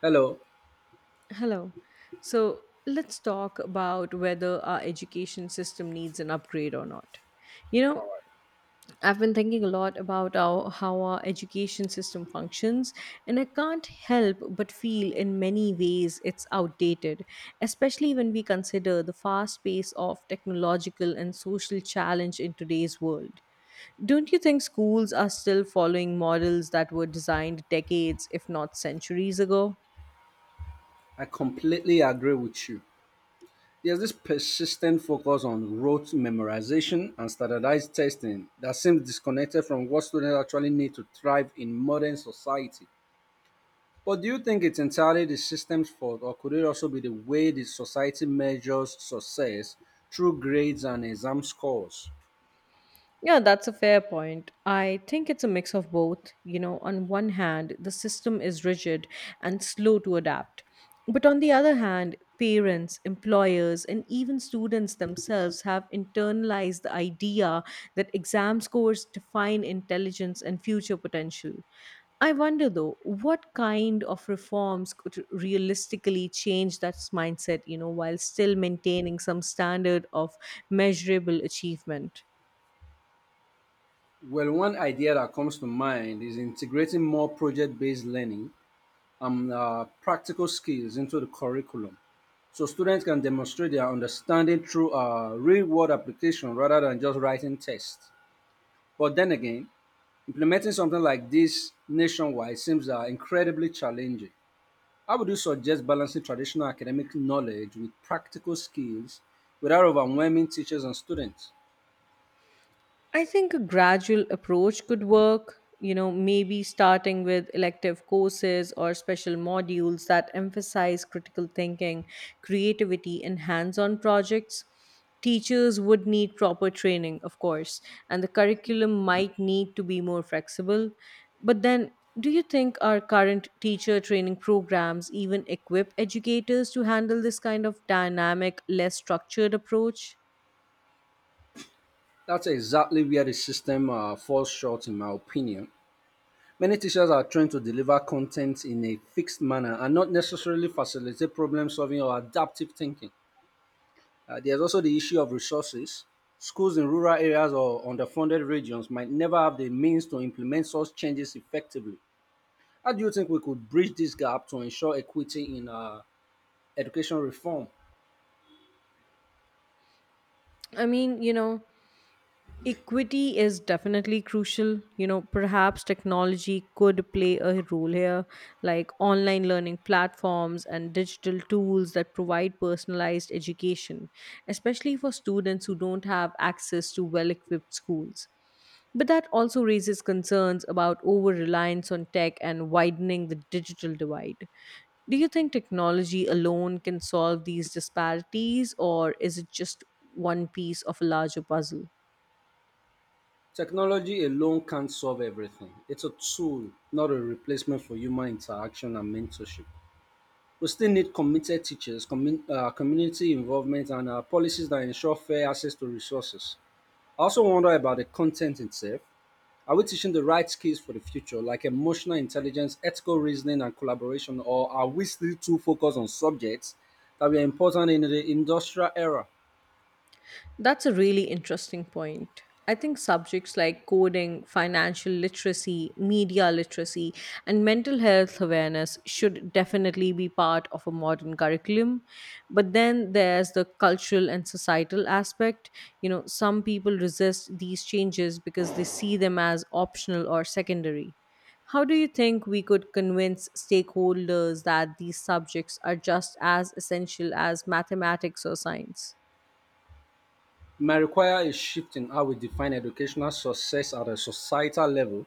Hello, Hello. So let's talk about whether our education system needs an upgrade or not. You know, I've been thinking a lot about how our education system functions, and I can't help but feel in many ways it's outdated, especially when we consider the fast pace of technological and social challenge in today's world. Don't you think schools are still following models that were designed decades, if not centuries ago? I completely agree with you. There's this persistent focus on rote memorization and standardized testing that seems disconnected from what students actually need to thrive in modern society. But do you think it's entirely the system's fault, or could it also be the way the society measures success through grades and exam scores? Yeah, that's a fair point. I think it's a mix of both. You know, on one hand, the system is rigid and slow to adapt. But on the other hand, parents, employers, and even students themselves have internalized the idea that exam scores define intelligence and future potential. I wonder though, what kind of reforms could realistically change that mindset, you know, while still maintaining some standard of measurable achievement? Well, one idea that comes to mind is integrating more project based learning and practical skills into the curriculum. So students can demonstrate their understanding through real world application rather than just writing tests. But then again, implementing something like this nationwide seems incredibly challenging. How would you suggest balancing traditional academic knowledge with practical skills without overwhelming teachers and students? I think a gradual approach could work, you know, maybe starting with elective courses or special modules that emphasize critical thinking, creativity, and hands on projects. Teachers would need proper training, of course, and the curriculum might need to be more flexible. But then, do you think our current teacher training programs even equip educators to handle this kind of dynamic, less structured approach? That's exactly where the system falls short, in my opinion. Many teachers are trained to deliver content in a fixed manner and not necessarily facilitate problem solving or adaptive thinking. There's also the issue of resources. Schools in rural areas or underfunded regions might never have the means to implement such changes effectively. How do you think we could bridge this gap to ensure equity in education reform? I mean, you know, equity is definitely crucial, you know, perhaps technology could play a role here, like online learning platforms and digital tools that provide personalized education, especially for students who don't have access to well equipped schools. But that also raises concerns about over reliance on tech and widening the digital divide. Do you think technology alone can solve these disparities, or is it just one piece of a larger puzzle? Technology alone can't solve everything. It's a tool, not a replacement for human interaction and mentorship. We still need committed teachers, community involvement, and policies that ensure fair access to resources. I also wonder about the content itself. Are we teaching the right skills for the future, like emotional intelligence, ethical reasoning, and collaboration, or are we still too focused on subjects that were important in the industrial era? That's a really interesting point. I think subjects like coding, financial literacy, media literacy, and mental health awareness should definitely be part of a modern curriculum. But then there's the cultural and societal aspect. You know, some people resist these changes because they see them as optional or secondary. How do you think we could convince stakeholders that these subjects are just as essential as mathematics or science? It might require a shift in how we define educational success at a societal level,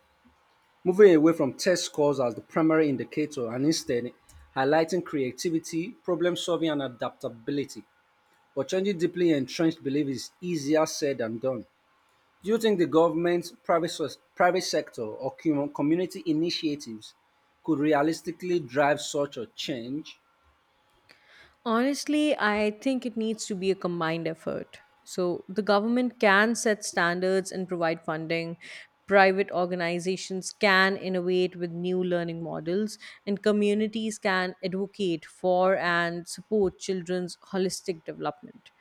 moving away from test scores as the primary indicator and instead highlighting creativity, problem solving, and adaptability. But changing deeply entrenched belief is easier said than done. Do you think the government, private sector or community initiatives could realistically drive such a change? Honestly, I think it needs to be a combined effort. So the government can set standards and provide funding. Private organizations can innovate with new learning models, and communities can advocate for and support children's holistic development.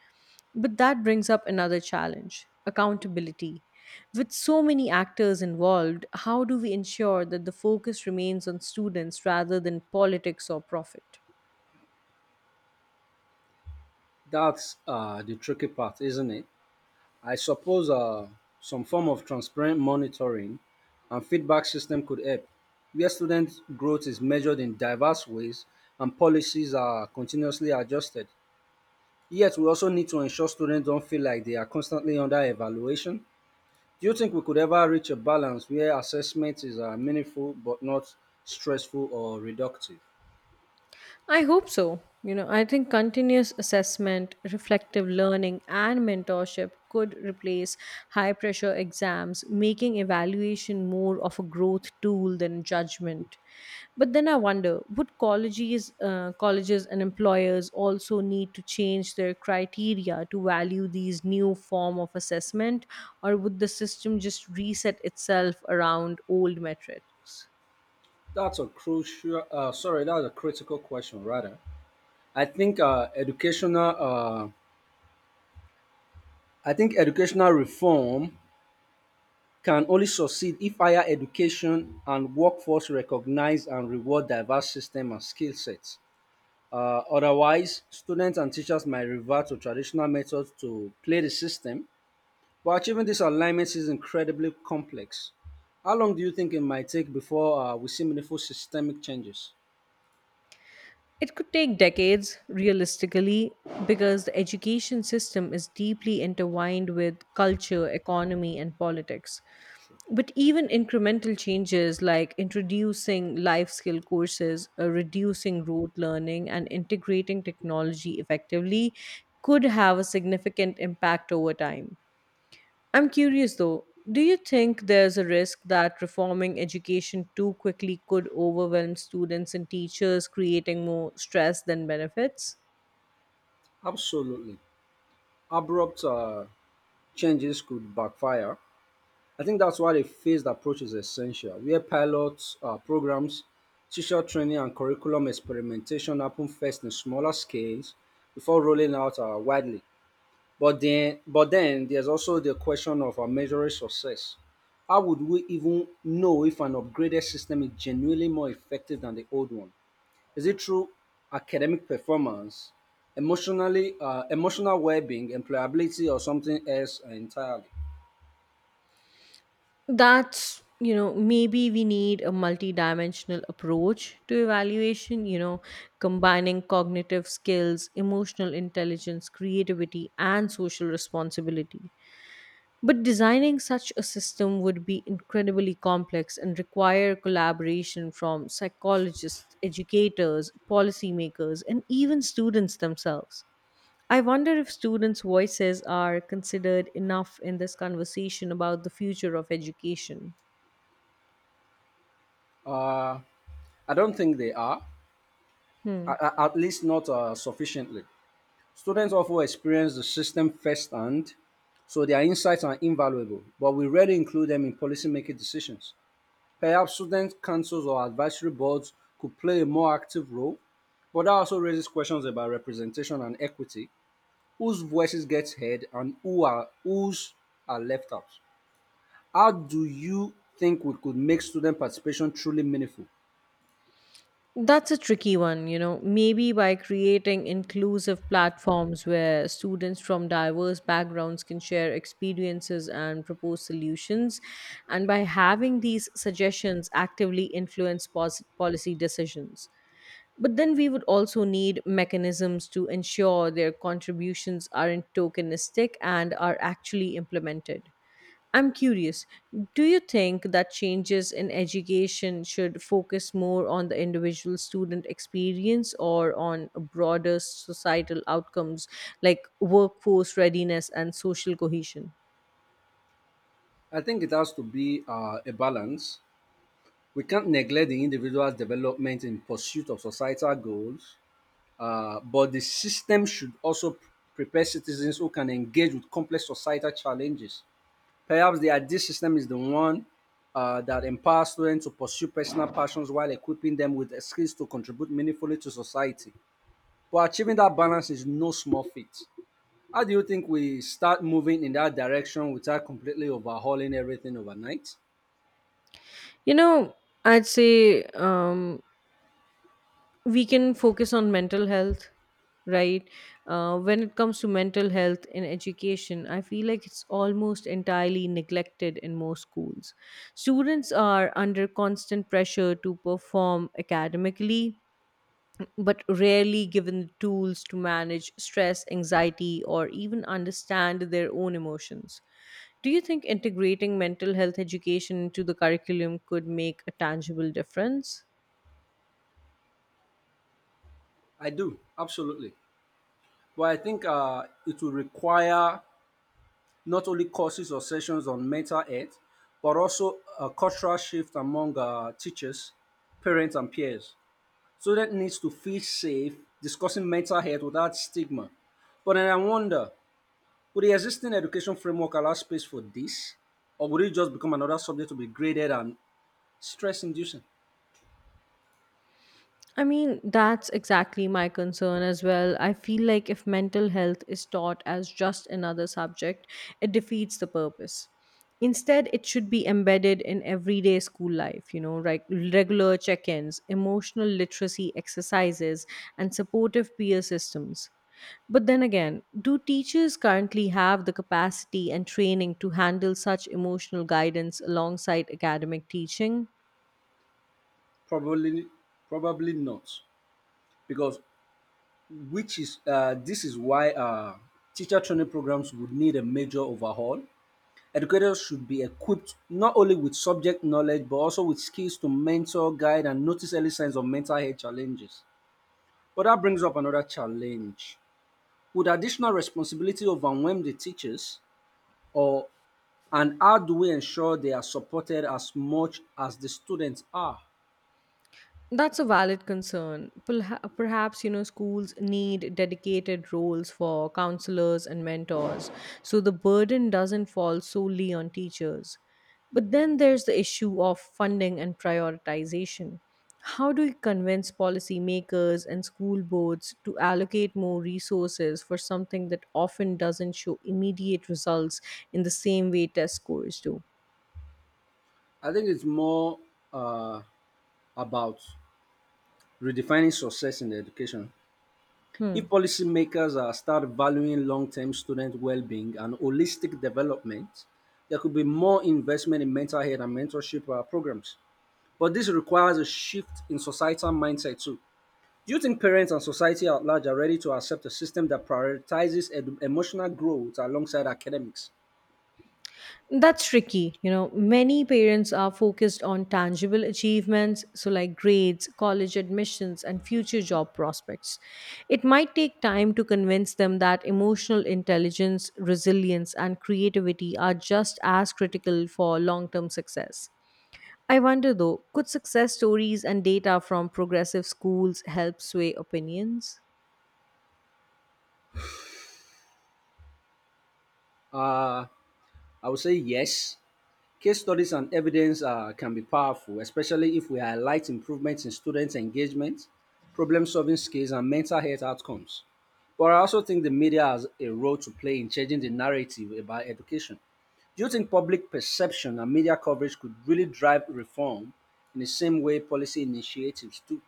But that brings up another challenge accountability. With so many actors involved, how do we ensure that the focus remains on students rather than politics or profit? That's the tricky part, isn't it? I suppose some form of transparent monitoring and feedback system could help, where student growth is measured in diverse ways and policies are continuously adjusted. Yet, we also need to ensure students don't feel like they are constantly under evaluation. Do you think we could ever reach a balance where assessment is meaningful but not stressful or reductive? I hope so. You know, I think continuous assessment, reflective learning, and mentorship could replace high pressure exams, making evaluation more of a growth tool than judgment. But then I wonder, would colleges and employers also need to change their criteria to value these new form of assessment, or would the system just reset itself around old metrics? That's a critical question, rather. I think uh, educational, uh, I think educational reform can only succeed if higher education and workforce recognize and reward diverse system and skill sets. Otherwise, students and teachers might revert to traditional methods to play the system. But achieving these alignments is incredibly complex. How long do you think it might take before we see meaningful systemic changes? It could take decades, realistically, because the education system is deeply intertwined with culture, economy, and politics. But even incremental changes like introducing life skill courses, reducing rote learning, and integrating technology effectively could have a significant impact over time. I'm curious though, do you think there's a risk that reforming education too quickly could overwhelm students and teachers, creating more stress than benefits? Absolutely. Abrupt changes could backfire. I think that's why a phased approach is essential, where pilots, programs, teacher training, and curriculum experimentation happen first in smaller scales before rolling out widely. But then there's also the question of measuring success. How would we even know if an upgraded system is genuinely more effective than the old one? Is it through academic performance, emotional well-being, employability, or something else entirely? That's, you know, maybe we need a multidimensional approach to evaluation, you know, combining cognitive skills, emotional intelligence, creativity, and social responsibility. But designing such a system would be incredibly complex and require collaboration from psychologists, educators, policymakers, and even students themselves. I wonder if students' voices are considered enough in this conversation about the future of education. Uh, I don't think they are, Hmm. At least not sufficiently. Students often experience the system firsthand, so their insights are invaluable, but we rarely include them in policymaking decisions. Perhaps student councils or advisory boards could play a more active role, but that also raises questions about representation and equity. Whose voices get heard and who are whose are left out? How do you think we could make student participation truly meaningful? That's a tricky one, you know. Maybe by creating inclusive platforms where students from diverse backgrounds can share experiences and propose solutions, and by having these suggestions actively influence policy decisions. But then we would also need mechanisms to ensure their contributions aren't tokenistic and are actually implemented. I'm curious, do you think that changes in education should focus more on the individual student experience or on broader societal outcomes like workforce readiness and social cohesion? I think it has to be a balance. We can't neglect the individual's development in pursuit of societal goals, but the system should also prepare citizens who can engage with complex societal challenges. Perhaps the ideal system is the one that empowers students to pursue personal passions while equipping them with the skills to contribute meaningfully to society. But achieving that balance is no small feat. How do you think we start moving in that direction without completely overhauling everything overnight? You know, I'd say we can focus on mental health, right? When it comes to mental health in education, I feel like it's almost entirely neglected in most schools. Students are under constant pressure to perform academically, but rarely given the tools to manage stress, anxiety, or even understand their own emotions. Do you think integrating mental health education into the curriculum could make a tangible difference? I do, absolutely. But I think it will require not only courses or sessions on mental health, but also a cultural shift among teachers, parents, and peers. Student needs to feel safe discussing mental health without stigma. But then I wonder, would the existing education framework allow space for this? Or would it just become another subject to be graded and stress inducing? I mean, that's exactly my concern as well. I feel like if mental health is taught as just another subject, it defeats the purpose. Instead, it should be embedded in everyday school life, you know, like regular check ins, emotional literacy exercises, and supportive peer systems. But then again, do teachers currently have the capacity and training to handle such emotional guidance alongside academic teaching? Probably probably not. Because which is this is why teacher training programs would need a major overhaul. Educators should be equipped not only with subject knowledge but also with skills to mentor, guide, and notice early signs of mental health challenges. But that brings up another challenge. Would additional responsibility overwhelm the teachers or and how do we ensure they are supported as much as the students are? That's a valid concern. Perhaps, you know, schools need dedicated roles for counselors and mentors, so the burden doesn't fall solely on teachers. But then there's the issue of funding and prioritization. How do we convince policymakers and school boards to allocate more resources for something that often doesn't show immediate results in the same way test scores do? I think it's more uh, about redefining success in education. Hmm. If policymakers start valuing long-term student well-being and holistic development, there could be more investment in mental health and mentorship programs. But this requires a shift in societal mindset too. Do you think parents and society at large are ready to accept a system that prioritizes emotional growth alongside academics? That's tricky. You know, many parents are focused on tangible achievements, so like grades, college admissions, and future job prospects. It might take time to convince them that emotional intelligence, resilience, and creativity are just as critical for long term success. I wonder though, could success stories and data from progressive schools help sway opinions? Uh, I would say yes. Case studies and evidence can be powerful, especially if we highlight improvements in students' engagement, problem solving skills, and mental health outcomes. But I also think the media has a role to play in changing the narrative about education. Do you think public perception and media coverage could really drive reform in the same way policy initiatives do?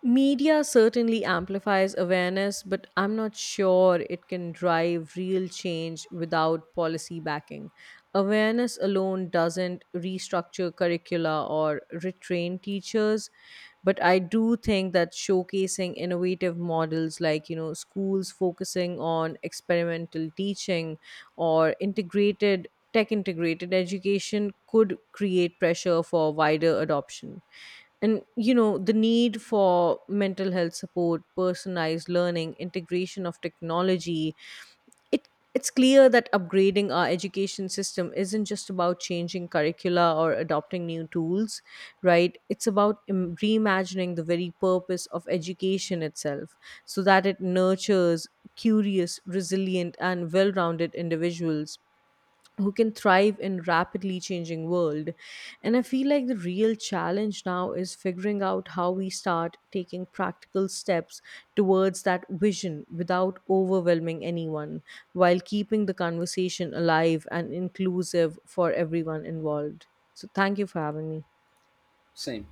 Media certainly amplifies awareness, but I'm not sure it can drive real change without policy backing. Awareness alone doesn't restructure curricula or retrain teachers, but I do think that showcasing innovative models, like, you know, schools focusing on experimental teaching or integrated education, could create pressure for wider adoption. And, you know, the need for mental health support, personalized learning, integration of technology, it it's clear that upgrading our education system isn't just about changing curricula or adopting new tools, right? It's about reimagining the very purpose of education itself, so that it nurtures curious, resilient, and well-rounded individuals who can thrive in rapidly changing world. And I feel like the real challenge now is figuring out how we start taking practical steps towards that vision without overwhelming anyone, while keeping the conversation alive and inclusive for everyone involved. So thank you for having me. Same.